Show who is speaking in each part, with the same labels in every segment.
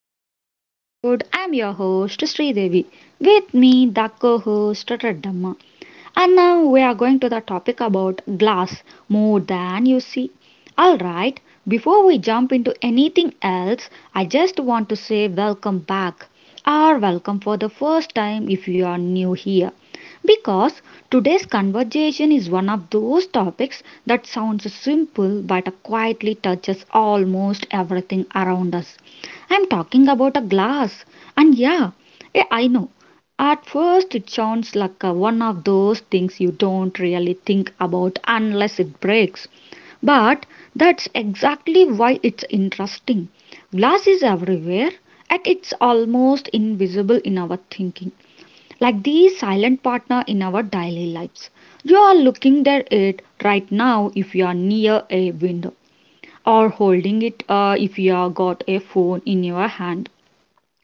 Speaker 1: to the today's episode. I'm your host Sri Devi. With me, the co-host Ratadamma. And now we are going to the topic about glass more than you see. Alright, before we jump into anything else, I just want to say welcome back or welcome for the first time if you are new here. Because today's conversation is one of those topics that sounds simple but quietly touches almost everything around us. I'm talking about a glass. And yeah, I know. At first, it sounds like one of those things you don't really think about unless it breaks. But that's exactly why it's interesting. Glass is everywhere, and it's almost invisible in our thinking, like the silent partner in our daily lives. You are looking at it right now if you are near a window or holding it, if you have got a phone in your hand,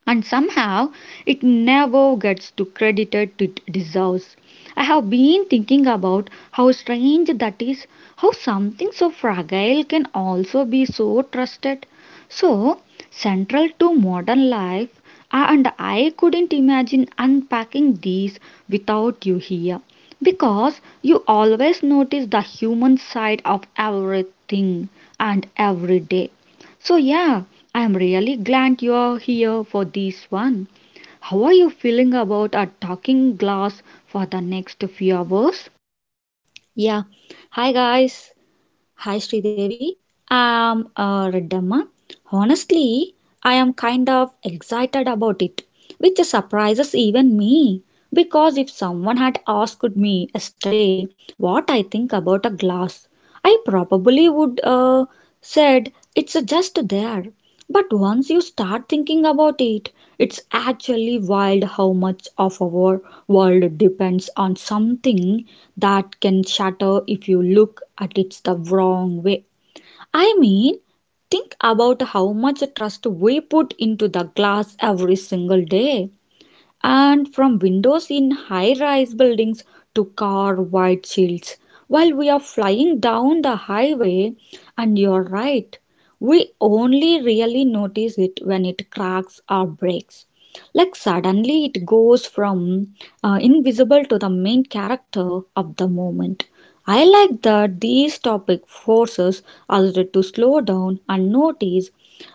Speaker 1: and somehow it never gets to credited it deserves. I have been thinking about how strange that is, how something so fragile can also be so trusted, so central to modern life, and I couldn't imagine unpacking these without you here, because you always notice the human side of everything and every day. So, yeah, I'm really glad you're here for this one. How are you feeling about our talking glass for the next few hours?
Speaker 2: Yeah. Hi guys. Hi Sridevi. I'm Reddamma. Honestly, I am kind of excited about it, which surprises even me. Because if someone had asked me yesterday what I think about a glass, I probably would said it's just there. But once you start thinking about it, it's actually wild how much of our world depends on something that can shatter if you look at it the wrong way. I mean, think about how much trust we put into the glass every single day and from windows in high rise buildings to car wide shields. While we are flying down the highway, and you're right, we only really notice it when it cracks or breaks, like suddenly it goes from invisible to the main character of the moment. I like that these topic forces us to slow down and notice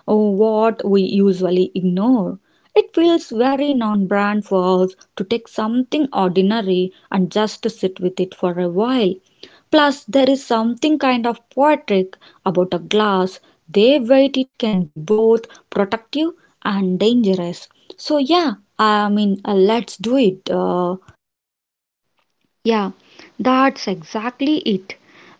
Speaker 2: what we usually ignore. It feels very non-brand for us to take something ordinary and just sit with it for a while. Plus, there is something kind of poetic about a glass. They weight it can be both protective and dangerous. So yeah, I mean, let's do it.
Speaker 1: Yeah, that's exactly it.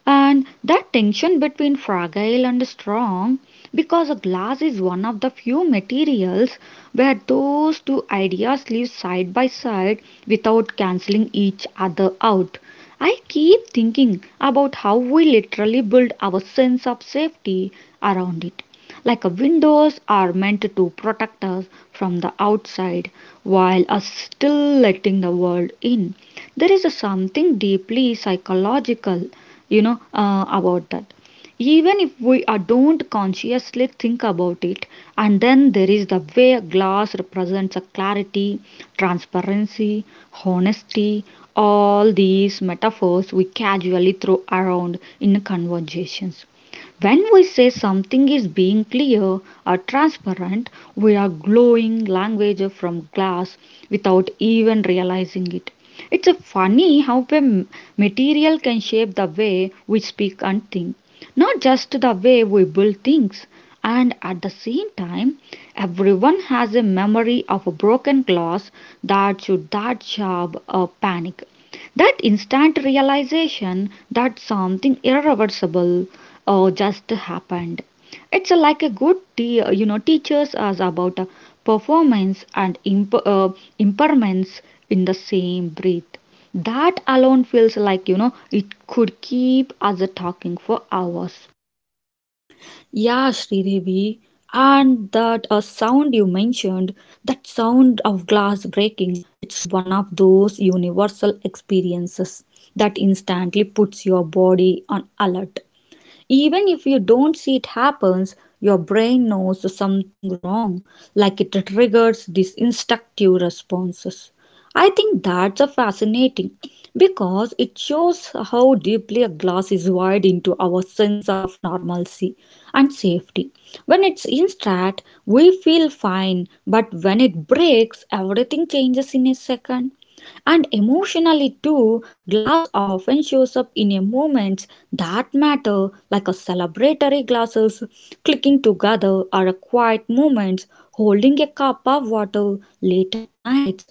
Speaker 1: And that tension between fragile and strong, because a glass is one of the few materials where those two ideas live side by side without cancelling each other out. I keep thinking about how we literally build our sense of safety around it. Like a windows are meant to protect us from the outside while us still letting the world in. There is a something deeply psychological, about that, even if we don't consciously think about it. And then there is the way a glass represents a clarity, transparency, honesty, all these metaphors we casually throw around in conversations. When we say something is being clear or transparent, we are glowing language from glass without even realizing it. It's a funny how a material can shape the way we speak and think, not just the way we build things. And at the same time, everyone has a memory of a broken glass that should that sharp a panic. That instant realization that something irreversible just happened. It's a, like a good teaches us about, performance and impermanence in the same breath. That alone feels like, it could keep us talking for hours.
Speaker 2: Yeah, Sridevi. And that sound you mentioned, that sound of glass breaking, it's one of those universal experiences that instantly puts your body on alert. Even if you don't see it happens, your brain knows something wrong, like it triggers these instinctive responses. I think that's a fascinating because it shows how deeply a glass is wired into our sense of normalcy and safety. When it's intact, we feel fine, but when it breaks, everything changes in a second. And emotionally too, glass often shows up in a moments that matter, like a celebratory glasses clicking together or a quiet moments holding a cup of water late at night.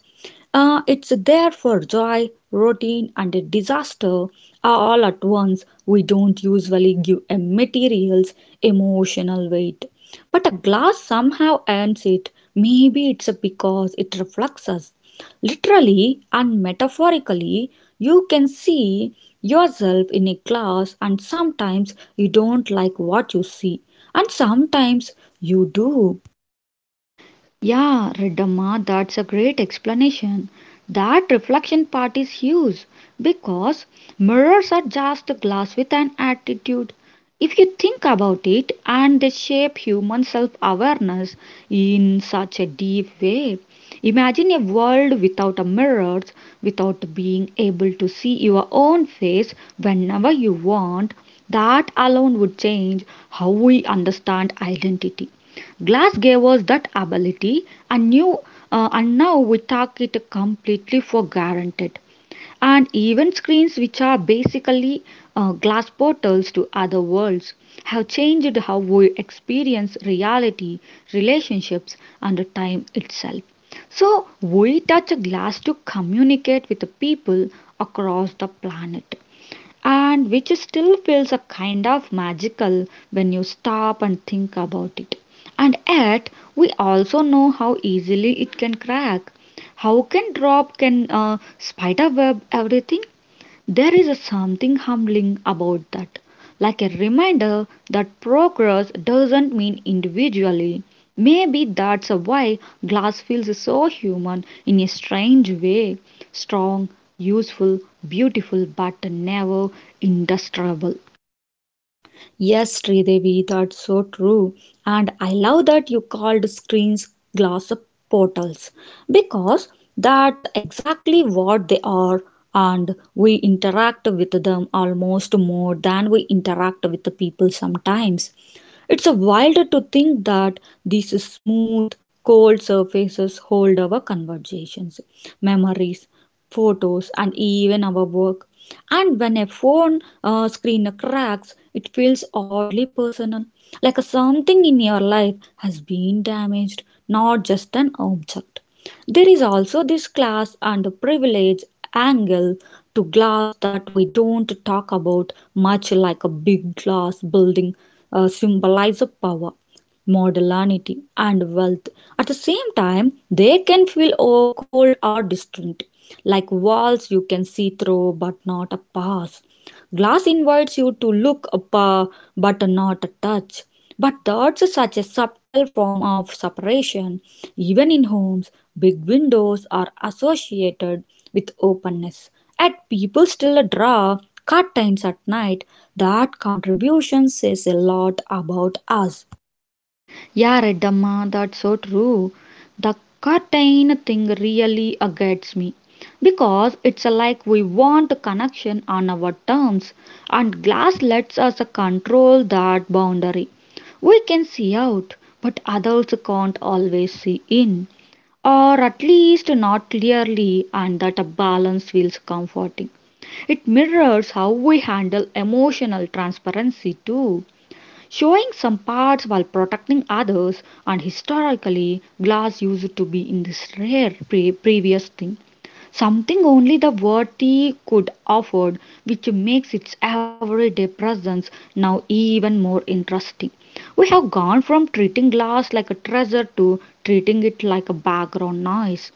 Speaker 2: It's there for joy, routine, and disaster. All at once. We don't usually give a materials emotional weight, but a glass somehow earns it. Maybe it's because it reflects us. Literally and metaphorically, you can see yourself in a glass, and sometimes you don't like what you see, and sometimes you do.
Speaker 1: Yeah, Reddamma, that's a great explanation. That reflection part is huge because mirrors are just glass with an attitude. If you think about it, and they shape human self awareness in such a deep way. Imagine a world without a mirrors, without being able to see your own face whenever you want. That alone would change how we understand identity. Glass gave us that ability, and new and now we take it completely for granted. And even screens, which are basically glass portals to other worlds, have changed how we experience reality, relationships, and time itself. So, we touch glass to communicate with the people across the planet, and which still feels a kind of magical when you stop and think about it. And yet, we also know how easily it can crack. How can drop can, spider web everything? There is something humbling about that, like a reminder that progress doesn't mean individually. Maybe that's why glass feels so human in a strange way, strong, useful, beautiful, but never indestructible.
Speaker 2: Yes, Sridevi, that's so true. And I love that you called screens glass portals because that's exactly what they are, and we interact with them almost more than we interact with the people sometimes. It's a wild to think that these smooth, cold surfaces hold our conversations, memories, photos, and even our work. And when a phone screen cracks, it feels oddly personal, like something in your life has been damaged, not just an object. There is also this class and privilege angle to glass that we don't talk about much, like a big glass building symbolize power, modernity, and wealth. At the same time they can feel oh, cold or distant, like walls you can see through but not a pass. Glass invites you to look up, but not touch. But that's such a subtle form of separation. Even in homes, big windows are associated with openness. Yet people still draw curtains at night. That contribution says a lot about us.
Speaker 1: Yeah, Reddamma, that's so true. The curtain thing really aggravates me because it's, like we want a connection on our terms, and glass lets us control that boundary. We can see out, but adults can't always see in, or at least not clearly, and that a balance feels comforting. It mirrors how we handle emotional transparency too, showing some parts while protecting others. And historically glass used to be in this rare previous thing, something only the worthy could afford, which makes its everyday presence now even more interesting. We have gone from treating glass like a treasure to treating it like a background noise.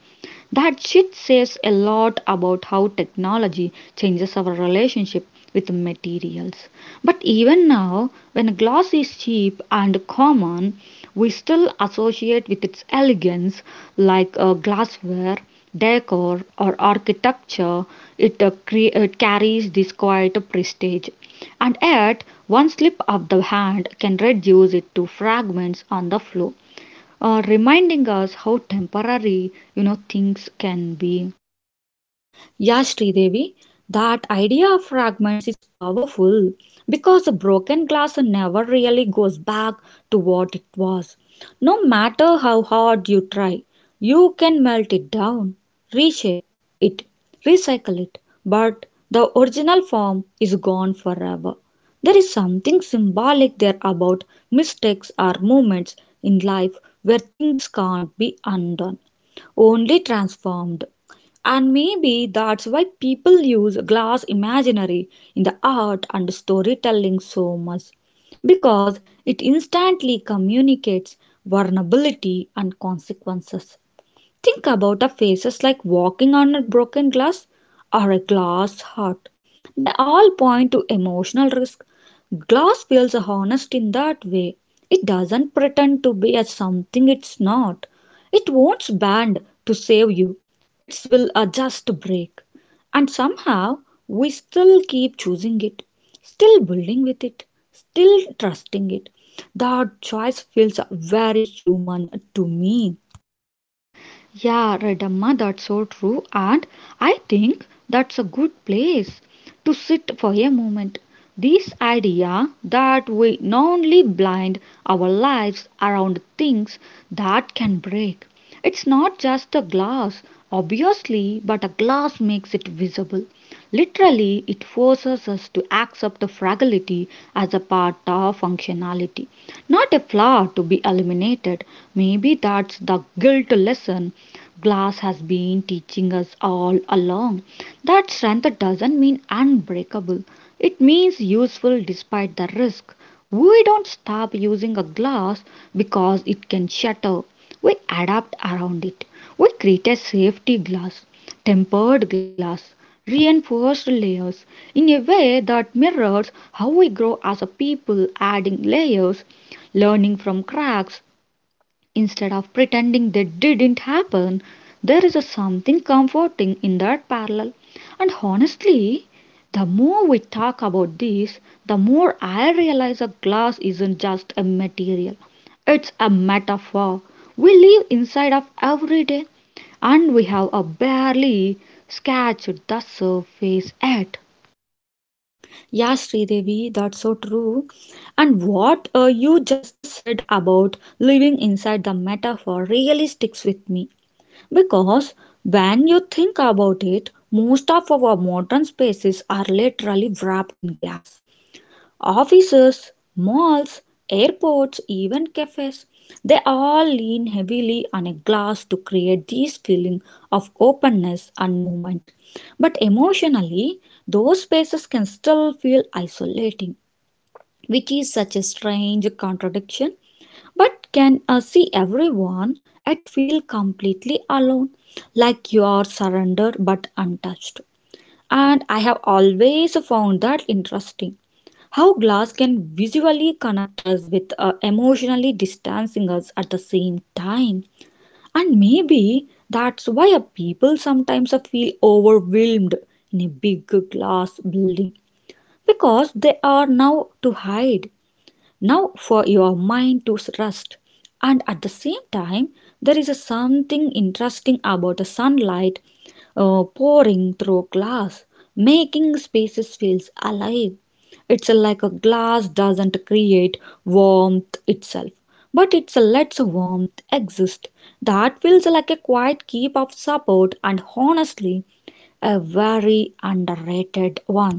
Speaker 1: That shift says a lot about how technology changes our relationship with materials. But even now, when glass is cheap and common, we still associate with its elegance, like glassware, decor, or architecture. It, it carries this quiet prestige, and yet one slip of the hand can reduce it to fragments on the floor, reminding us how temporary, things can be.
Speaker 2: Yeah, Sridevi, that idea of fragments is powerful because a broken glass never really goes back to what it was. No matter how hard you try, you can melt it down, reshape it, recycle it, but the original form is gone forever. There is something symbolic there about mistakes or moments in life where things can't be undone, only transformed. And maybe that's why people use glass imaginary in the art and storytelling so much, because it instantly communicates vulnerability and consequences. Think about a phases like walking on a broken glass or a glass heart. They all point to emotional risk. Glass feels honest in that way. It doesn't pretend to be a something it's not. It won't bend to save you. It will adjust break. And somehow we still keep choosing it, still building with it, still trusting it. That choice feels very human to me.
Speaker 1: Yeah, Redamma, that's so true. And I think that's a good place to sit for a moment. This idea that we only blind our lives around things that can break. It's not just a glass, obviously, but a glass makes it visible. Literally, it forces us to accept the fragility as a part of functionality, not a flaw to be eliminated. Maybe that's the guilt lesson glass has been teaching us all along, that strength doesn't mean unbreakable, it means useful despite the risk. We don't stop using a glass because it can shatter, we adapt around it. We create a safety glass, tempered glass, reinforced layers, in a way that mirrors how we grow as a people, adding layers, learning from cracks, instead of pretending they didn't happen. There is a something comforting in that parallel. And honestly, the more we talk about this, the more I realize a glass isn't just a material, it's a metaphor. We live inside of every day, and we have a barely scratched the surface yet.
Speaker 2: Yeah, Sridevi, that's so true. And what you just said about living inside the metaphor really sticks with me. Because when you think about it, most of our modern spaces are literally wrapped in glass. Offices, malls, airports, even cafes, they all lean heavily on a glass to create this feeling of openness and movement. But emotionally, those spaces can still feel isolating, which is such a strange contradiction. But can see everyone yet feel completely alone, like you are surrendered but untouched. And I have always found that interesting how glass can visually connect us with emotionally distancing us at the same time. And maybe that's why people sometimes feel overwhelmed in a big glass building, because they are now to hide now for your mind to rest. And at the same time there is a something interesting about the sunlight pouring through glass, making spaces feels alive. It's like a glass doesn't create warmth itself, but it lets warmth exist. That feels like a quiet keep of support, and honestly a very underrated one.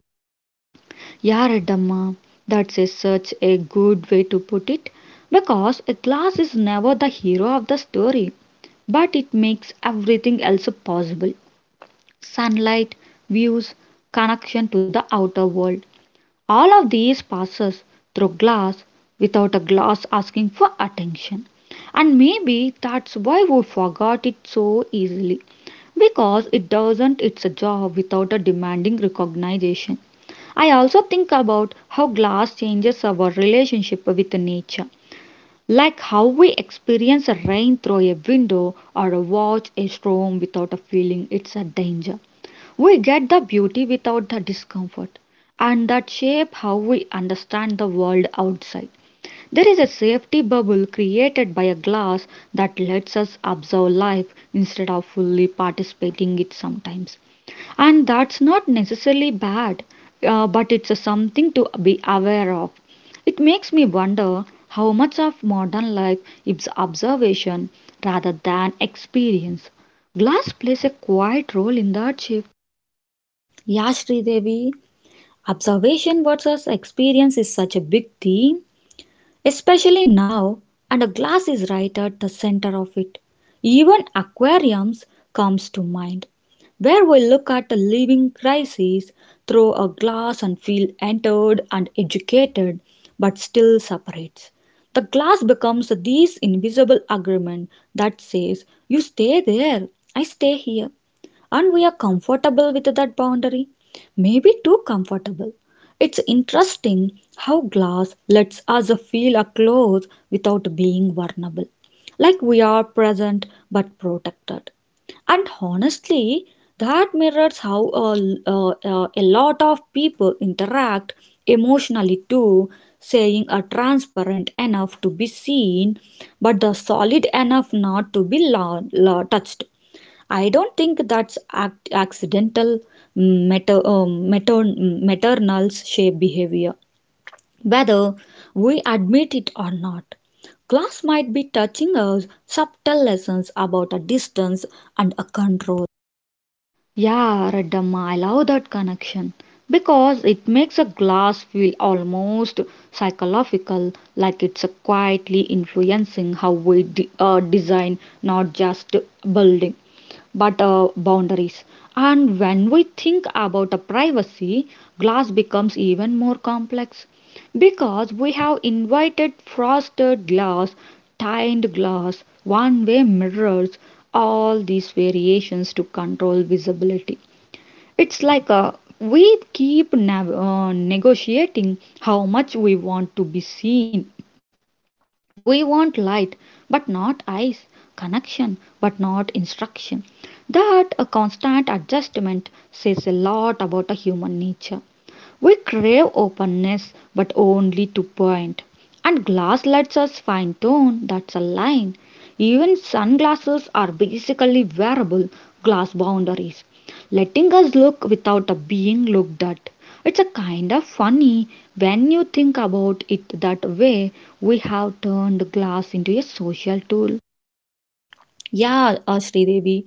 Speaker 1: Yeah, Reddamma, that's a, such a good way to put it, because a glass is never the hero of the story, but it makes everything else possible, sunlight, views, connection to the outer world. All of these passes through glass without a glass asking for attention. And maybe that's why we forgot it so easily, because it doesn't its a job without a demanding recognition. I also think about how glass changes our relationship with nature, like how we experience a rain through a window or watch a storm without a feeling it's a danger. We get the beauty without the discomfort, and that shape how we understand the world outside. There is a safety bubble created by a glass that lets us observe life instead of fully participating it sometimes, and that's not necessarily bad, but it's a something to be aware of. It makes me wonder how much of modern life is observation rather than experience. Glass plays a quiet role in that shift.
Speaker 2: Yeah, Devi. Observation versus experience is such a big theme, especially now, and a glass is right at the center of it. Even aquariums comes to mind, where we look at a living crisis through a glass and feel entered and educated, but still separates. The glass becomes this invisible agreement that says, "You stay there, I stay here," and we are comfortable with that boundary, maybe too comfortable. It's interesting how glass lets us feel up close without being vulnerable, like we are present but protected. And honestly, that mirrors how a lot of people interact emotionally too, saying are transparent enough to be seen, but the solid enough not to be touched. I don't think that's accidental. Maternals shape behavior, whether we admit it or not. Class might be touching us subtle lessons about a distance and a control.
Speaker 1: Yeah, Reddam, I love that connection, because it makes a glass feel almost psychological, like it's a quietly influencing how we design not just building but boundaries. And when we think about a privacy, glass becomes even more complex because we have invited frosted glass, tined glass, one way mirrors, all these variations to control visibility. It's like a we keep negotiating how much we want to be seen. We want light, but not eyes, connection, but not instruction. That a constant adjustment says a lot about a human nature. We crave openness, but only to point. And glass lets us fine tune, that's a line. Even sunglasses are basically wearable glass boundaries, letting us look without a being looked at. It's a kind of funny when you think about it that way. We have turned glass into a social tool.
Speaker 2: Yeah, Devi,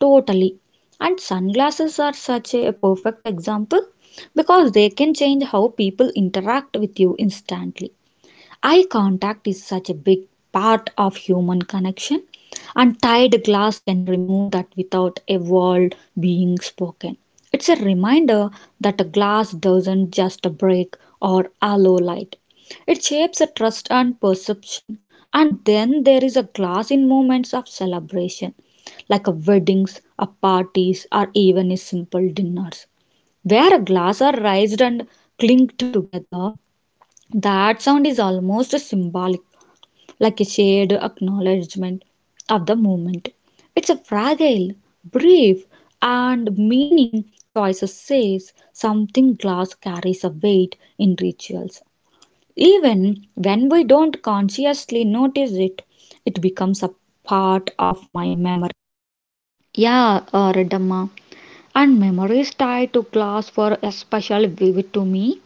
Speaker 2: totally. And sunglasses are such a perfect example because they can change how people interact with you instantly. Eye contact is such a big part of human connection, and tied glass can remove that without a word being spoken. It's a reminder that a glass doesn't just break or allow light, it shapes a trust and perception. And then there is a glass in moments of celebration, like a weddings, a parties, or even a simple dinners where a glass are raised and clinked together. That sound is almost symbolic, like a shared acknowledgement of the moment. It's a fragile, brief, and meaning choice says something glass carries a weight in rituals. Even when we don't consciously notice it, it becomes a part of my memory.
Speaker 1: Yeah, Redamma. And memories tied to glass were especially vivid to me,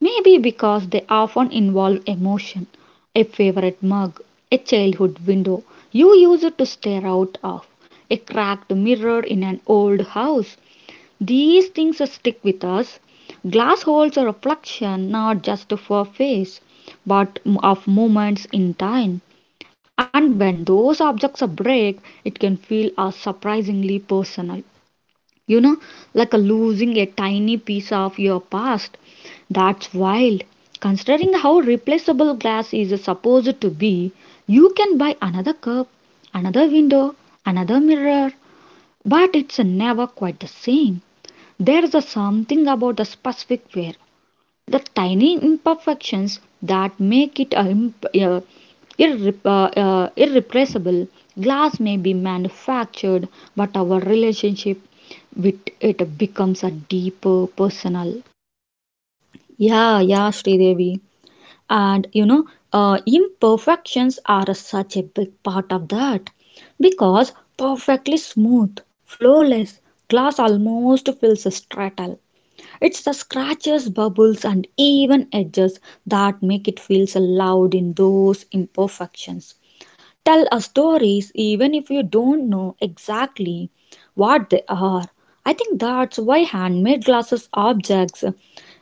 Speaker 1: maybe because they often involve emotion. A favorite mug, a childhood window you used to stare out of, a cracked mirror in an old house, these things stick with us. Glass holes are a reflection not just of a face, but of moments in time. And when those objects are break, it can feel, surprisingly personal. You know, like a losing a tiny piece of your past. That's wild. Considering how replaceable glass is supposed to be, you can buy another cup, another window, another mirror, but it's never quite the same. There's a something about the specific wear, the tiny imperfections that make it a, irreplaceable. Glass may be manufactured, but our relationship with it becomes a deeper personal.
Speaker 2: Yeah, Sridevi. And you know, imperfections are such a big part of that because perfectly smooth, flawless glass almost feels stratile. It's the scratches, bubbles, and even edges that make it feels loud in those imperfections. Tell us stories even if you don't know exactly what they are. I think that's why handmade glasses objects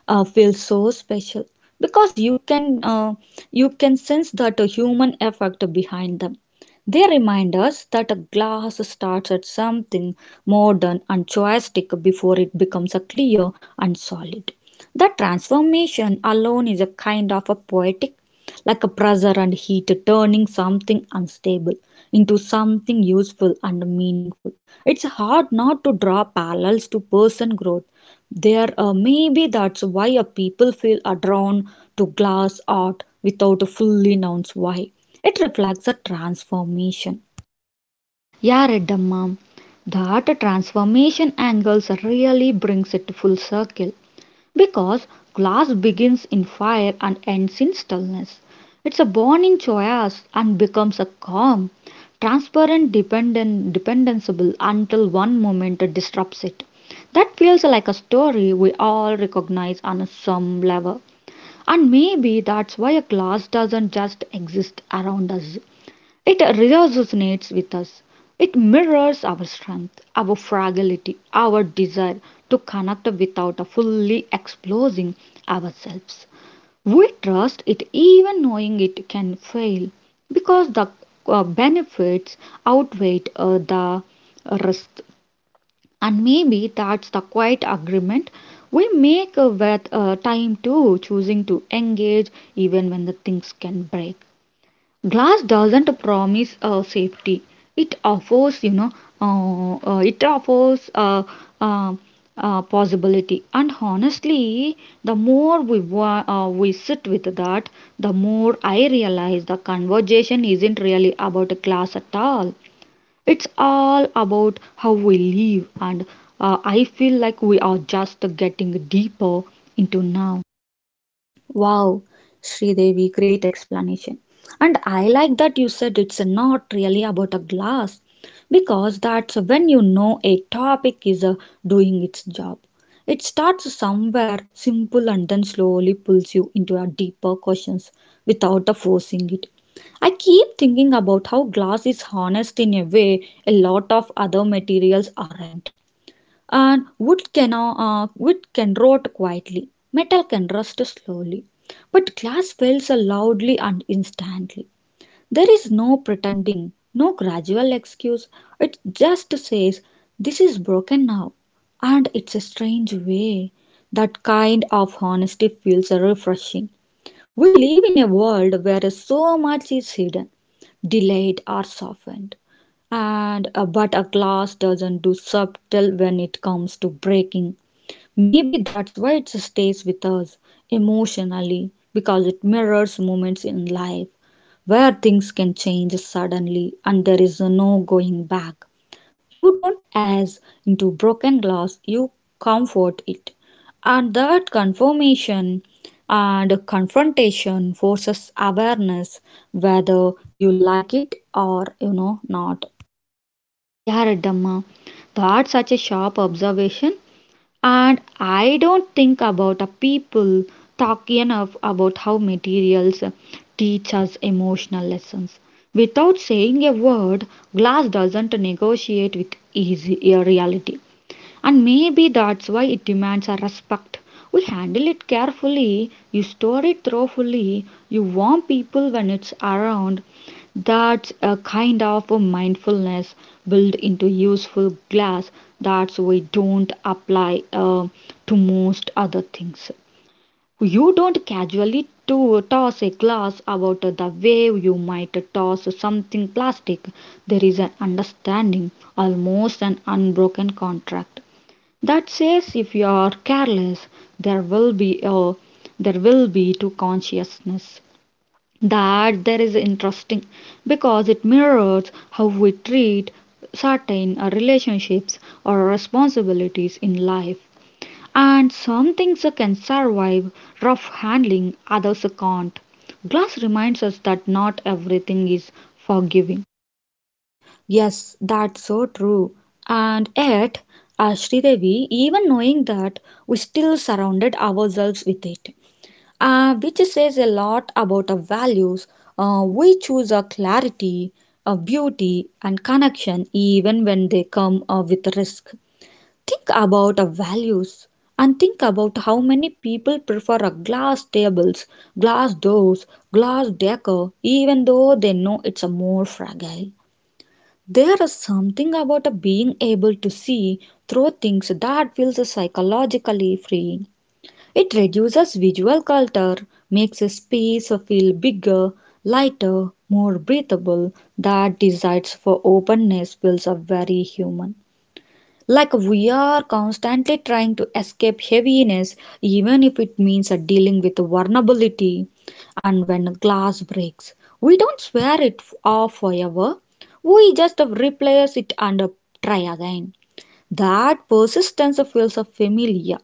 Speaker 2: feel so special because you can sense that a human effort behind them. They remind us that a glass starts at something modern and choistic before it becomes a clear and solid. That transformation alone is a kind of a poetic, like a pressure and heat, turning something unstable into something useful and meaningful. It's hard not to draw parallels to person growth. There, maybe that's why a people feel are drawn to glass art without a fully known why. It reflects a transformation.
Speaker 1: Yeah, Redamma, that transformation angles really brings it full circle. Because glass begins in fire and ends in stillness. It's a born in chaos and becomes a calm, transparent, dependent, dependable until one moment disrupts it. That feels like a story we all recognize on some level. And maybe that's why a glass doesn't just exist around us. It resonates with us. It mirrors our strength, our fragility, our desire to connect without fully exposing ourselves. We trust it even knowing it can fail because the benefits outweigh the risk. And maybe that's the quiet agreement we make with time too, choosing to engage even when the things can break. Glass doesn't promise safety, it offers it offers uh, possibility. And honestly, the more we sit with that, the more I realize the conversation isn't really about a class at all. It's all about how we live. And I feel like we are just getting deeper into now.
Speaker 2: Wow, Sridevi, great explanation. And I like that you said it's not really about a glass because that's when you know a topic is doing its job. It starts somewhere simple and then slowly pulls you into a deeper questions without forcing it. I keep thinking about how glass is honest in a way a lot of other materials aren't, and wood can rot quietly, metal can rust slowly, but glass fails loudly and instantly. There is no pretending, no gradual excuse, it just says this is broken now. And it's a strange way that kind of honesty feels refreshing. We live in a world where so much is hidden, delayed, or softened, and but a glass doesn't do subtle when it comes to breaking. Maybe that's why it stays with us emotionally, because it mirrors moments in life where things can change suddenly and there is no going back. You don't as into broken glass, you comfort it. And that confirmation and confrontation forces awareness, whether you like it or you know not.
Speaker 1: Yeah, Redamma, that's such a sharp observation. And I don't think about a people talk enough about how materials teach us emotional lessons. Without saying a word, glass doesn't negotiate with easy a reality. And maybe that's why it demands a respect. We handle it carefully, you store it thoughtfully, you warn people when it's around. That's a kind of a mindfulness built into useful glass that we don't apply to most other things. You don't casually to toss a glass about the way you might toss something plastic. There is an understanding, almost an unbroken contract that says if you are careless there will be a there will be to consciousness that there is interesting, because it mirrors how we treat certain relationships or responsibilities in life. And some things can survive rough handling, others can't. Glass reminds us that not everything is forgiving.
Speaker 2: Yes, that's so true. And yet, as Sridevi, even knowing that, we still surrounded ourselves with it, which says a lot about our values. We choose our clarity, our beauty, and connection even when they come with risk. Think about our values and think about how many people prefer a glass tables, glass doors, glass decor, even though they know it's a more fragile. There is something about a being able to see through things that feels psychologically freeing. It reduces visual clutter, makes a space feel bigger, lighter, more breathable. That desire for openness feels very human. Like we are constantly trying to escape heaviness, even if it means dealing with vulnerability. And when a glass breaks, we don't swear off forever, we just replace it and try again. That persistence feels familiar.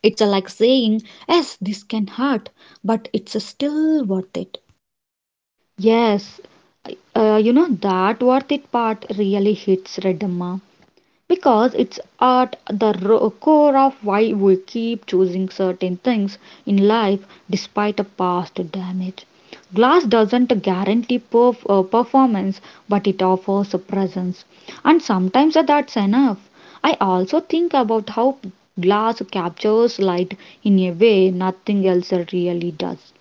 Speaker 2: It's like saying, yes, this can hurt, but it's still worth it.
Speaker 1: Yes, you know, that worth it part really hits, Redamma, because it's at the core of why we keep choosing certain things in life despite a past damage. Glass doesn't guarantee performance, but it offers a presence, and sometimes that's enough. I also think about how glass captures light in a way nothing else really does.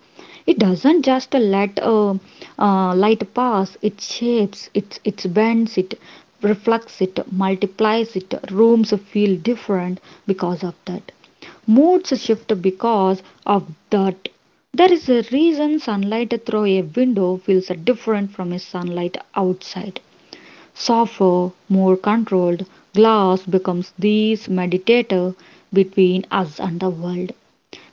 Speaker 1: It doesn't just let light pass, it shapes it, it bends it, reflects it, multiplies it. Rooms feel different because of that. Moods shift because of that. There is a reason sunlight through a window feels different from a sunlight outside. Softer, more controlled, glass becomes this mediator between us and the world,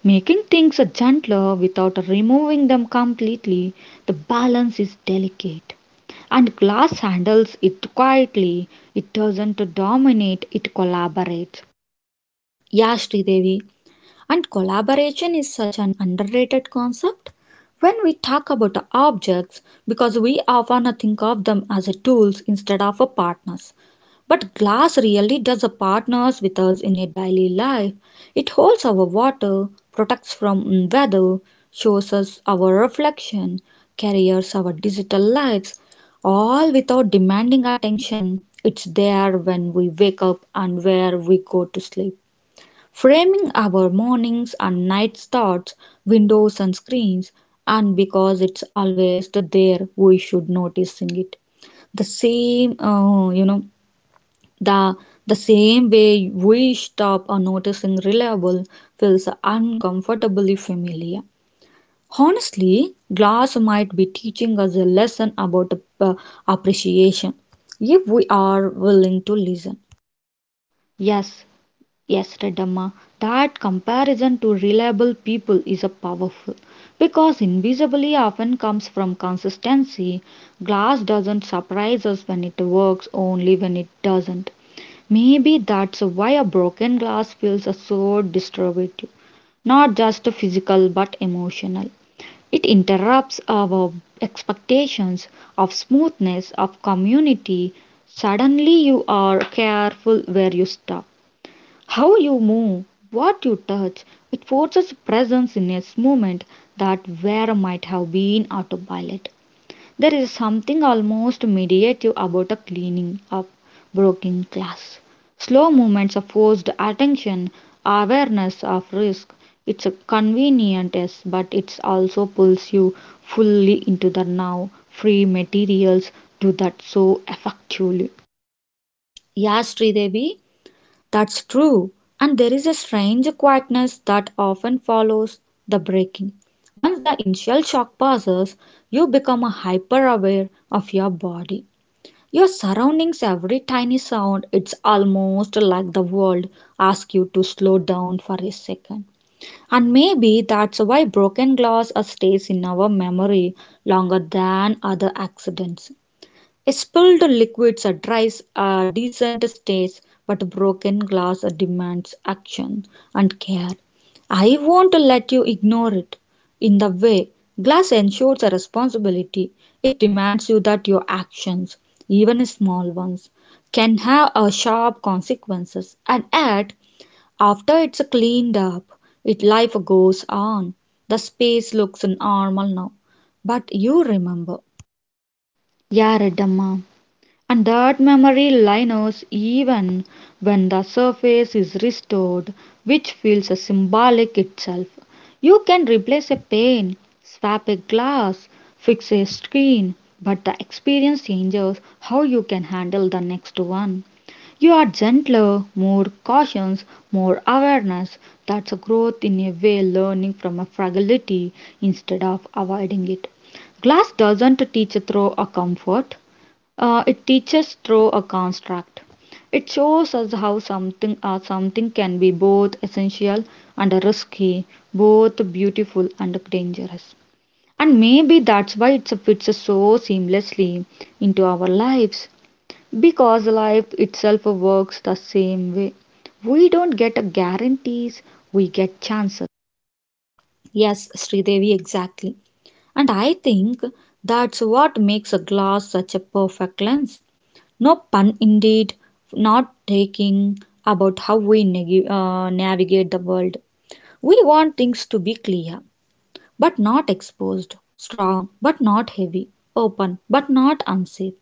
Speaker 1: making things gentler without removing them completely. The balance is delicate. And glass handles it quietly, it doesn't dominate, it collaborates.
Speaker 2: Yeah, Sridevi, and collaboration is such an underrated concept. When we talk about objects, because we often think of them as tools instead of partners. But glass really does partners with us in a daily life. It holds our water, protects from weather, shows us our reflection, carries our digital lives, all without demanding attention. It's there when we wake up and where we go to sleep framing our mornings and nights thoughts, windows and screens, and because it's always there, we should noticing it. The same, the the same way we stop or noticing reliable feels uncomfortably familiar. Honestly, glass might be teaching us a lesson about uh, appreciation if we are willing to listen.
Speaker 1: Yes, yes, Redamma, that comparison to reliable people is a powerful, because invisibly often comes from consistency. Glass doesn't surprise us when it works, only when it doesn't. Maybe that's why a broken glass feels so distributive, not just physical but emotional. It interrupts our expectations of smoothness, of community. Suddenly, you are careful where you stop. How you move, what you touch, it forces presence in a moment that where might have been autopilot. There is something almost meditative about a cleaning up broken glass. Slow movements of forced attention, awareness of risk. It's a convenient, yes, but it also pulls you fully into the now, free materials do that so effectively.
Speaker 2: Yes, Sridevi, that's true, and there is a strange quietness that often follows the breaking. Once the initial shock passes, you become hyper aware of your body, your surroundings, every tiny sound. It's almost like the world asks you to slow down for a second. And maybe that's why broken glass stays in our memory longer than other accidents. Spilled liquids drives a decent stage, but broken glass demands action and care. I won't let you ignore it. In the way, glass ensures a responsibility. It demands you that your actions, even small ones, can have a sharp consequences. And yet, after it's cleaned up, it life goes on. The space looks normal now. But you remember.
Speaker 1: Yeah, Redamma. And that memory lingers even when the surface is restored, which feels a symbolic itself. You can replace a pane, swap a glass, fix a screen, but the experience changes how you can handle the next one. You are gentler, more cautious, more awareness. That's a growth in a way, learning from a fragility instead of avoiding it. Glass doesn't teach through a comfort, it teaches through a construct. It shows us how something or something can be both essential and risky, both beautiful and dangerous. And maybe that's why it fits so seamlessly into our lives. Because life itself works the same way. We don't get guarantees, we get chances.
Speaker 2: Yes, Sridevi, exactly. And I think that's what makes a glass such a perfect lens. No pun indeed, not taking about how we navigate the world. We want things to be clear, but not exposed, strong, but not heavy, open, but not unsafe.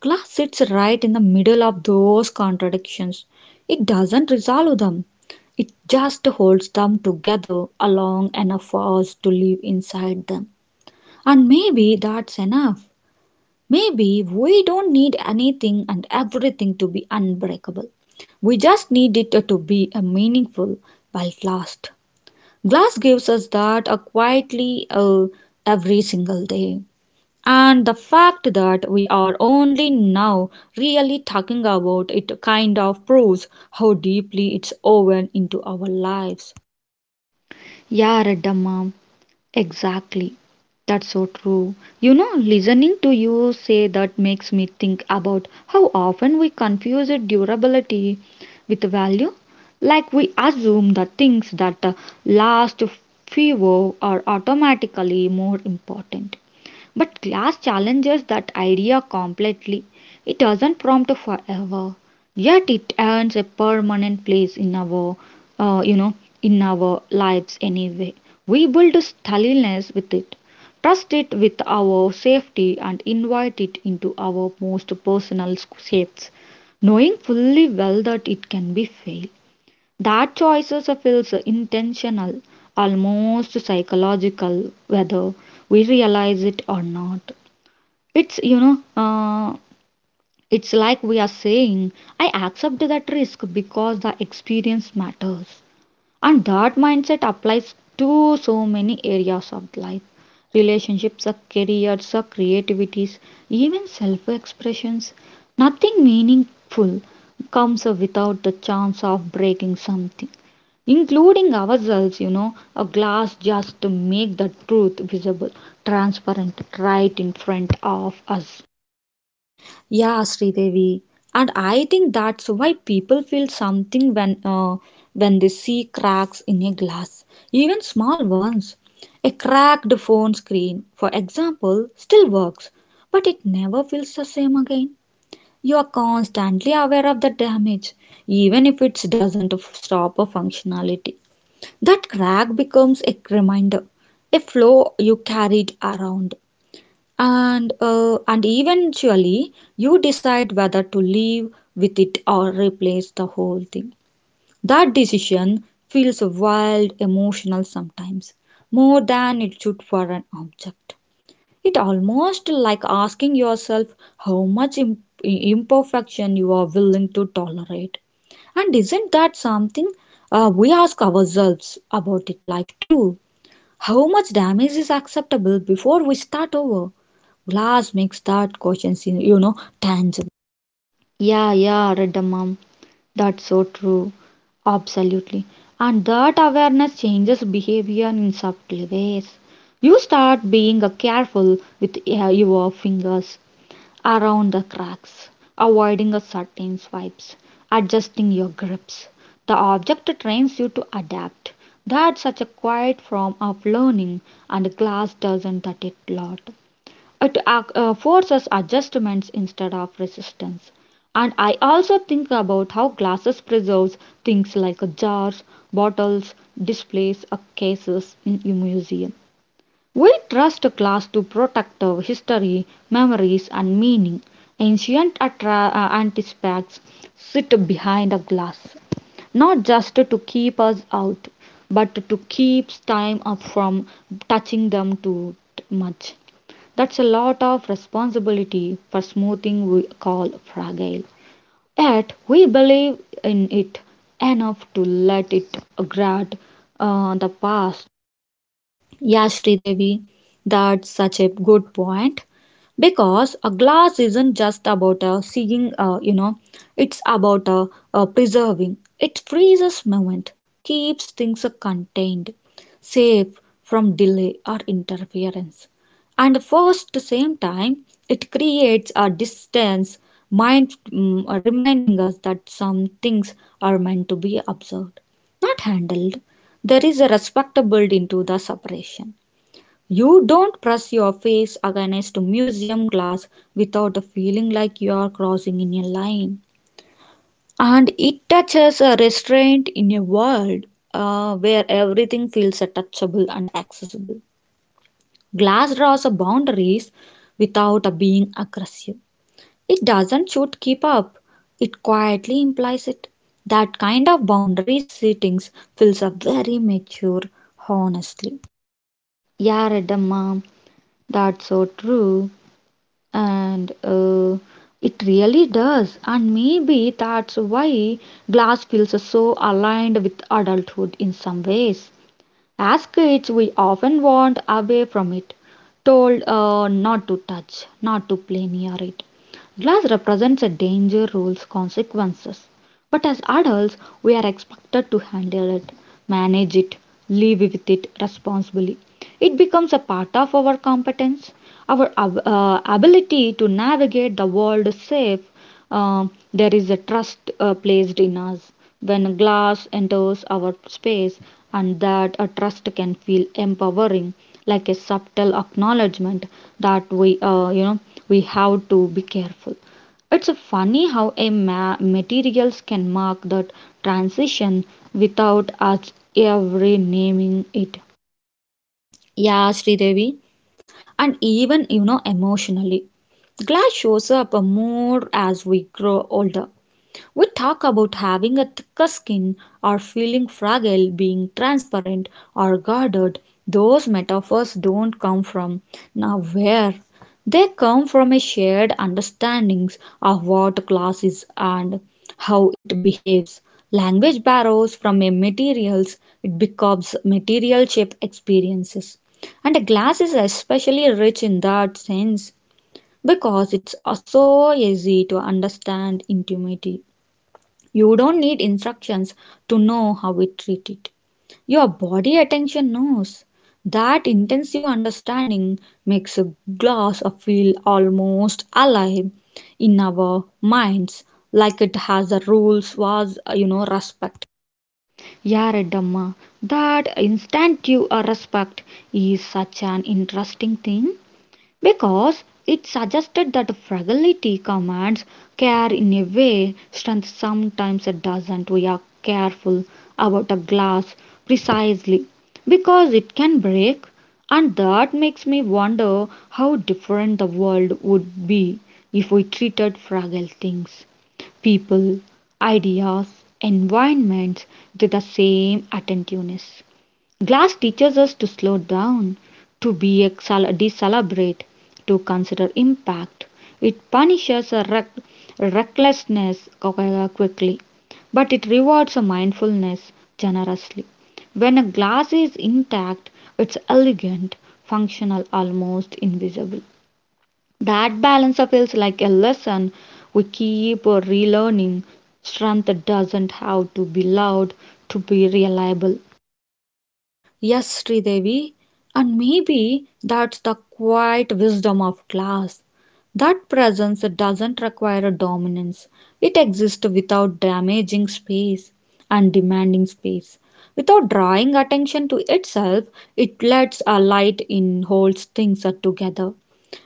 Speaker 2: Glass sits right in the middle of those contradictions. It doesn't resolve them, it just holds them together long enough for us to live inside them. And maybe that's enough. Maybe we don't need anything and everything to be unbreakable. We just need it to be a meaningful while it lasts. Glass gives us that quietly every single day. And the fact that we are only now really talking about it kind of proves how deeply it's woven into our lives.
Speaker 1: Yeah, Redamma, exactly. That's so true. You know, listening to you say that makes me think about how often we confuse it durability with value. Like we assume that things that last fewer are automatically more important. But glass challenges that idea completely. It doesn't prompt forever, yet it earns a permanent place in our, you know, in our lives anyway. We build stateliness with it, trust it with our safety, and invite it into our most personal shapes, knowing fully well that it can be failed. That choices feels intentional, almost psychological, whether we realize it or not. It's, you know, it's like we are saying, I accept that risk because the experience matters. And that mindset applies to so many areas of life relationships, careers, creativities, even self expressions. Nothing meaningful comes without the chance of breaking something, including ourselves. You know, a glass just to make the truth visible, transparent, right in front of us.
Speaker 2: Yeah, Sridevi. And I think that's why people feel something when they see cracks in a glass, even small ones. A cracked phone screen, for example, still works, but it never feels the same again. You are constantly aware of the damage, even if it doesn't stop a functionality. That crack becomes a reminder, a flaw you carried around. And eventually you decide whether to live with it or replace the whole thing. That decision feels wild, emotional sometimes, more than it should for an object. It almost like asking yourself how much imperfection you are willing to tolerate. And isn't that something we ask ourselves about it life too? How much damage is acceptable before we start over? Glass makes that question, you know, tangible.
Speaker 1: Yeah, yeah, Radda mom. That's so true. Absolutely. And that awareness changes behavior in subtle ways. You start being careful with your fingers around the cracks, avoiding a certain swipes, adjusting your grips. The object trains you to adapt. That's such a quiet form of learning, and glass doesn't that it lot. It forces adjustments instead of resistance. And I also think about how glasses preserves things like jars, bottles, displays, or cases in a museum. We trust glass to protect our history, memories, and meaning. Ancient artifacts sit behind a glass, not just to keep us out, but to keep time up from touching them too much. That's a lot of responsibility for smoothing we call fragile. Yet we believe in it enough to let it grant the past.
Speaker 2: Yeah, Sridevi, that's such a good point. Because a glass isn't just about seeing it's about preserving it freezes movement keeps things contained safe from delay or interference and first the same time it creates a distance mind reminding us that some things are meant to be observed not handled there is a respectable into the separation you don't press your face against museum glass without feeling like you're crossing in a line. And it touches a restraint in a world where everything feels touchable and accessible. Glass draws boundaries without being aggressive. It doesn't shoot keep up, it quietly implies it. That kind of boundary settings feels a very mature, honestly.
Speaker 1: Yaradama, that's so true. And it really does. And maybe that's why glass feels so aligned with adulthood in some ways. As kids, we often want away from it, told not to touch, not to play near it. Glass represents a danger, rules, consequences. But as adults, we are expected to handle it, manage it, live with it responsibly. It becomes a part of our competence, our ability to navigate the world safe, uh, there is a trust placed in us when glass enters our space, and that a trust can feel empowering, like a subtle acknowledgement that we, you know, we have to be careful. It's funny how a materials can mark that transition without us ever naming it.
Speaker 2: Yeah, Sridevi. And even you know emotionally glass shows up more as we grow older we talk about having a thicker skin or feeling fragile, being transparent or guarded. Those metaphors don't come from nowhere. They come from a shared understanding of what glass is and how it behaves. Language borrows from a materials, it becomes material shape experiences. And a glass is especially rich in that sense because it's so easy to understand intimacy. You don't need instructions to know how we treat it. Your body attention knows. That intensive understanding makes a glass of feel almost alive in our minds, like it has the rules was you know respect.
Speaker 1: Yaradamma, that instinctive respect is such an interesting thing, because it suggested that fragility commands care in a way strength sometimes doesn't. We are careful about a glass precisely because it can break, and that makes me wonder how different the world would be if we treated fragile things, people, ideas, environments with the same attentiveness. Glass teaches us to slow down, to be a decelerate, to consider impact. It punishes a recklessness okay, quickly, but it rewards a mindfulness generously. When a glass is intact, it's elegant, functional, almost invisible. That balance feels like a lesson we keep relearning. Strength doesn't have to be loud to be reliable.
Speaker 2: Yes, Sridevi, and maybe that's the quiet wisdom of class. That presence doesn't require a dominance, it exists without damaging space and demanding space. Without drawing attention to itself, it lets a light in, holds things together,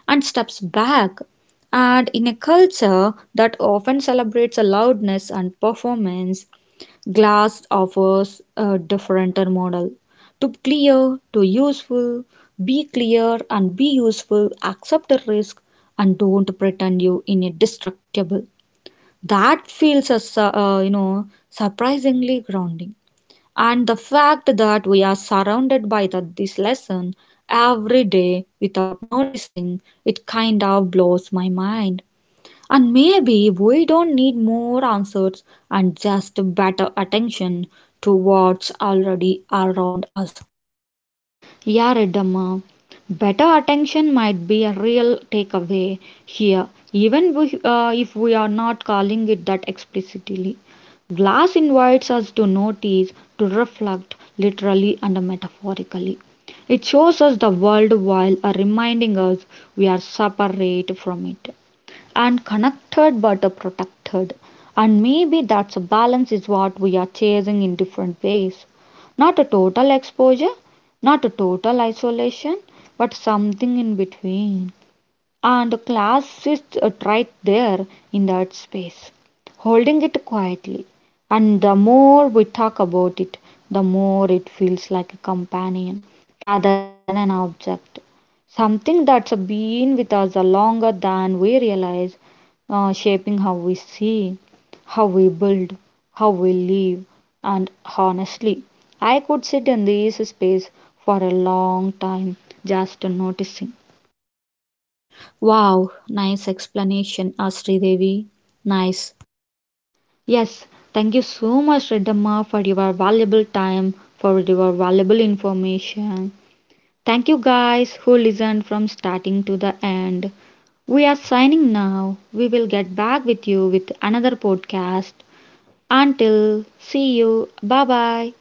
Speaker 2: and steps back. And in a culture that often celebrates a loudness and performance, glass offers a different model. To be clear, to useful, be clear and be useful, accept the risk and don't pretend you in a destructible. That feels us, surprisingly grounding. And the fact that we are surrounded by the, this lesson every day without noticing, it kind of blows my mind. And maybe we don't need more answers and just better attention to what's already around us.
Speaker 1: Yeah, Reddamma. Better attention might be a real takeaway here, even if we are not calling it that explicitly. Glass invites us to notice, to reflect, literally and metaphorically. It shows us the world while reminding us we are separate from it and connected but protected. And maybe that's a balance is what we are chasing in different ways. Not a total exposure, not a total isolation but something in between, and class is right there in that space, holding it quietly. And the more we talk about it, the more it feels like a companion rather than an object. Something that's been with us longer than we realize, shaping how we see, how we build, how we live, and honestly, I could sit in this space for a long time just noticing.
Speaker 2: Wow, nice explanation, Asri Devi. Nice.
Speaker 1: Yes, thank you so much, Redamma, for your valuable time, for your valuable information. Thank you guys who listened from starting to the end. We are signing now. We will get back with you with another podcast. Until see you. Bye bye.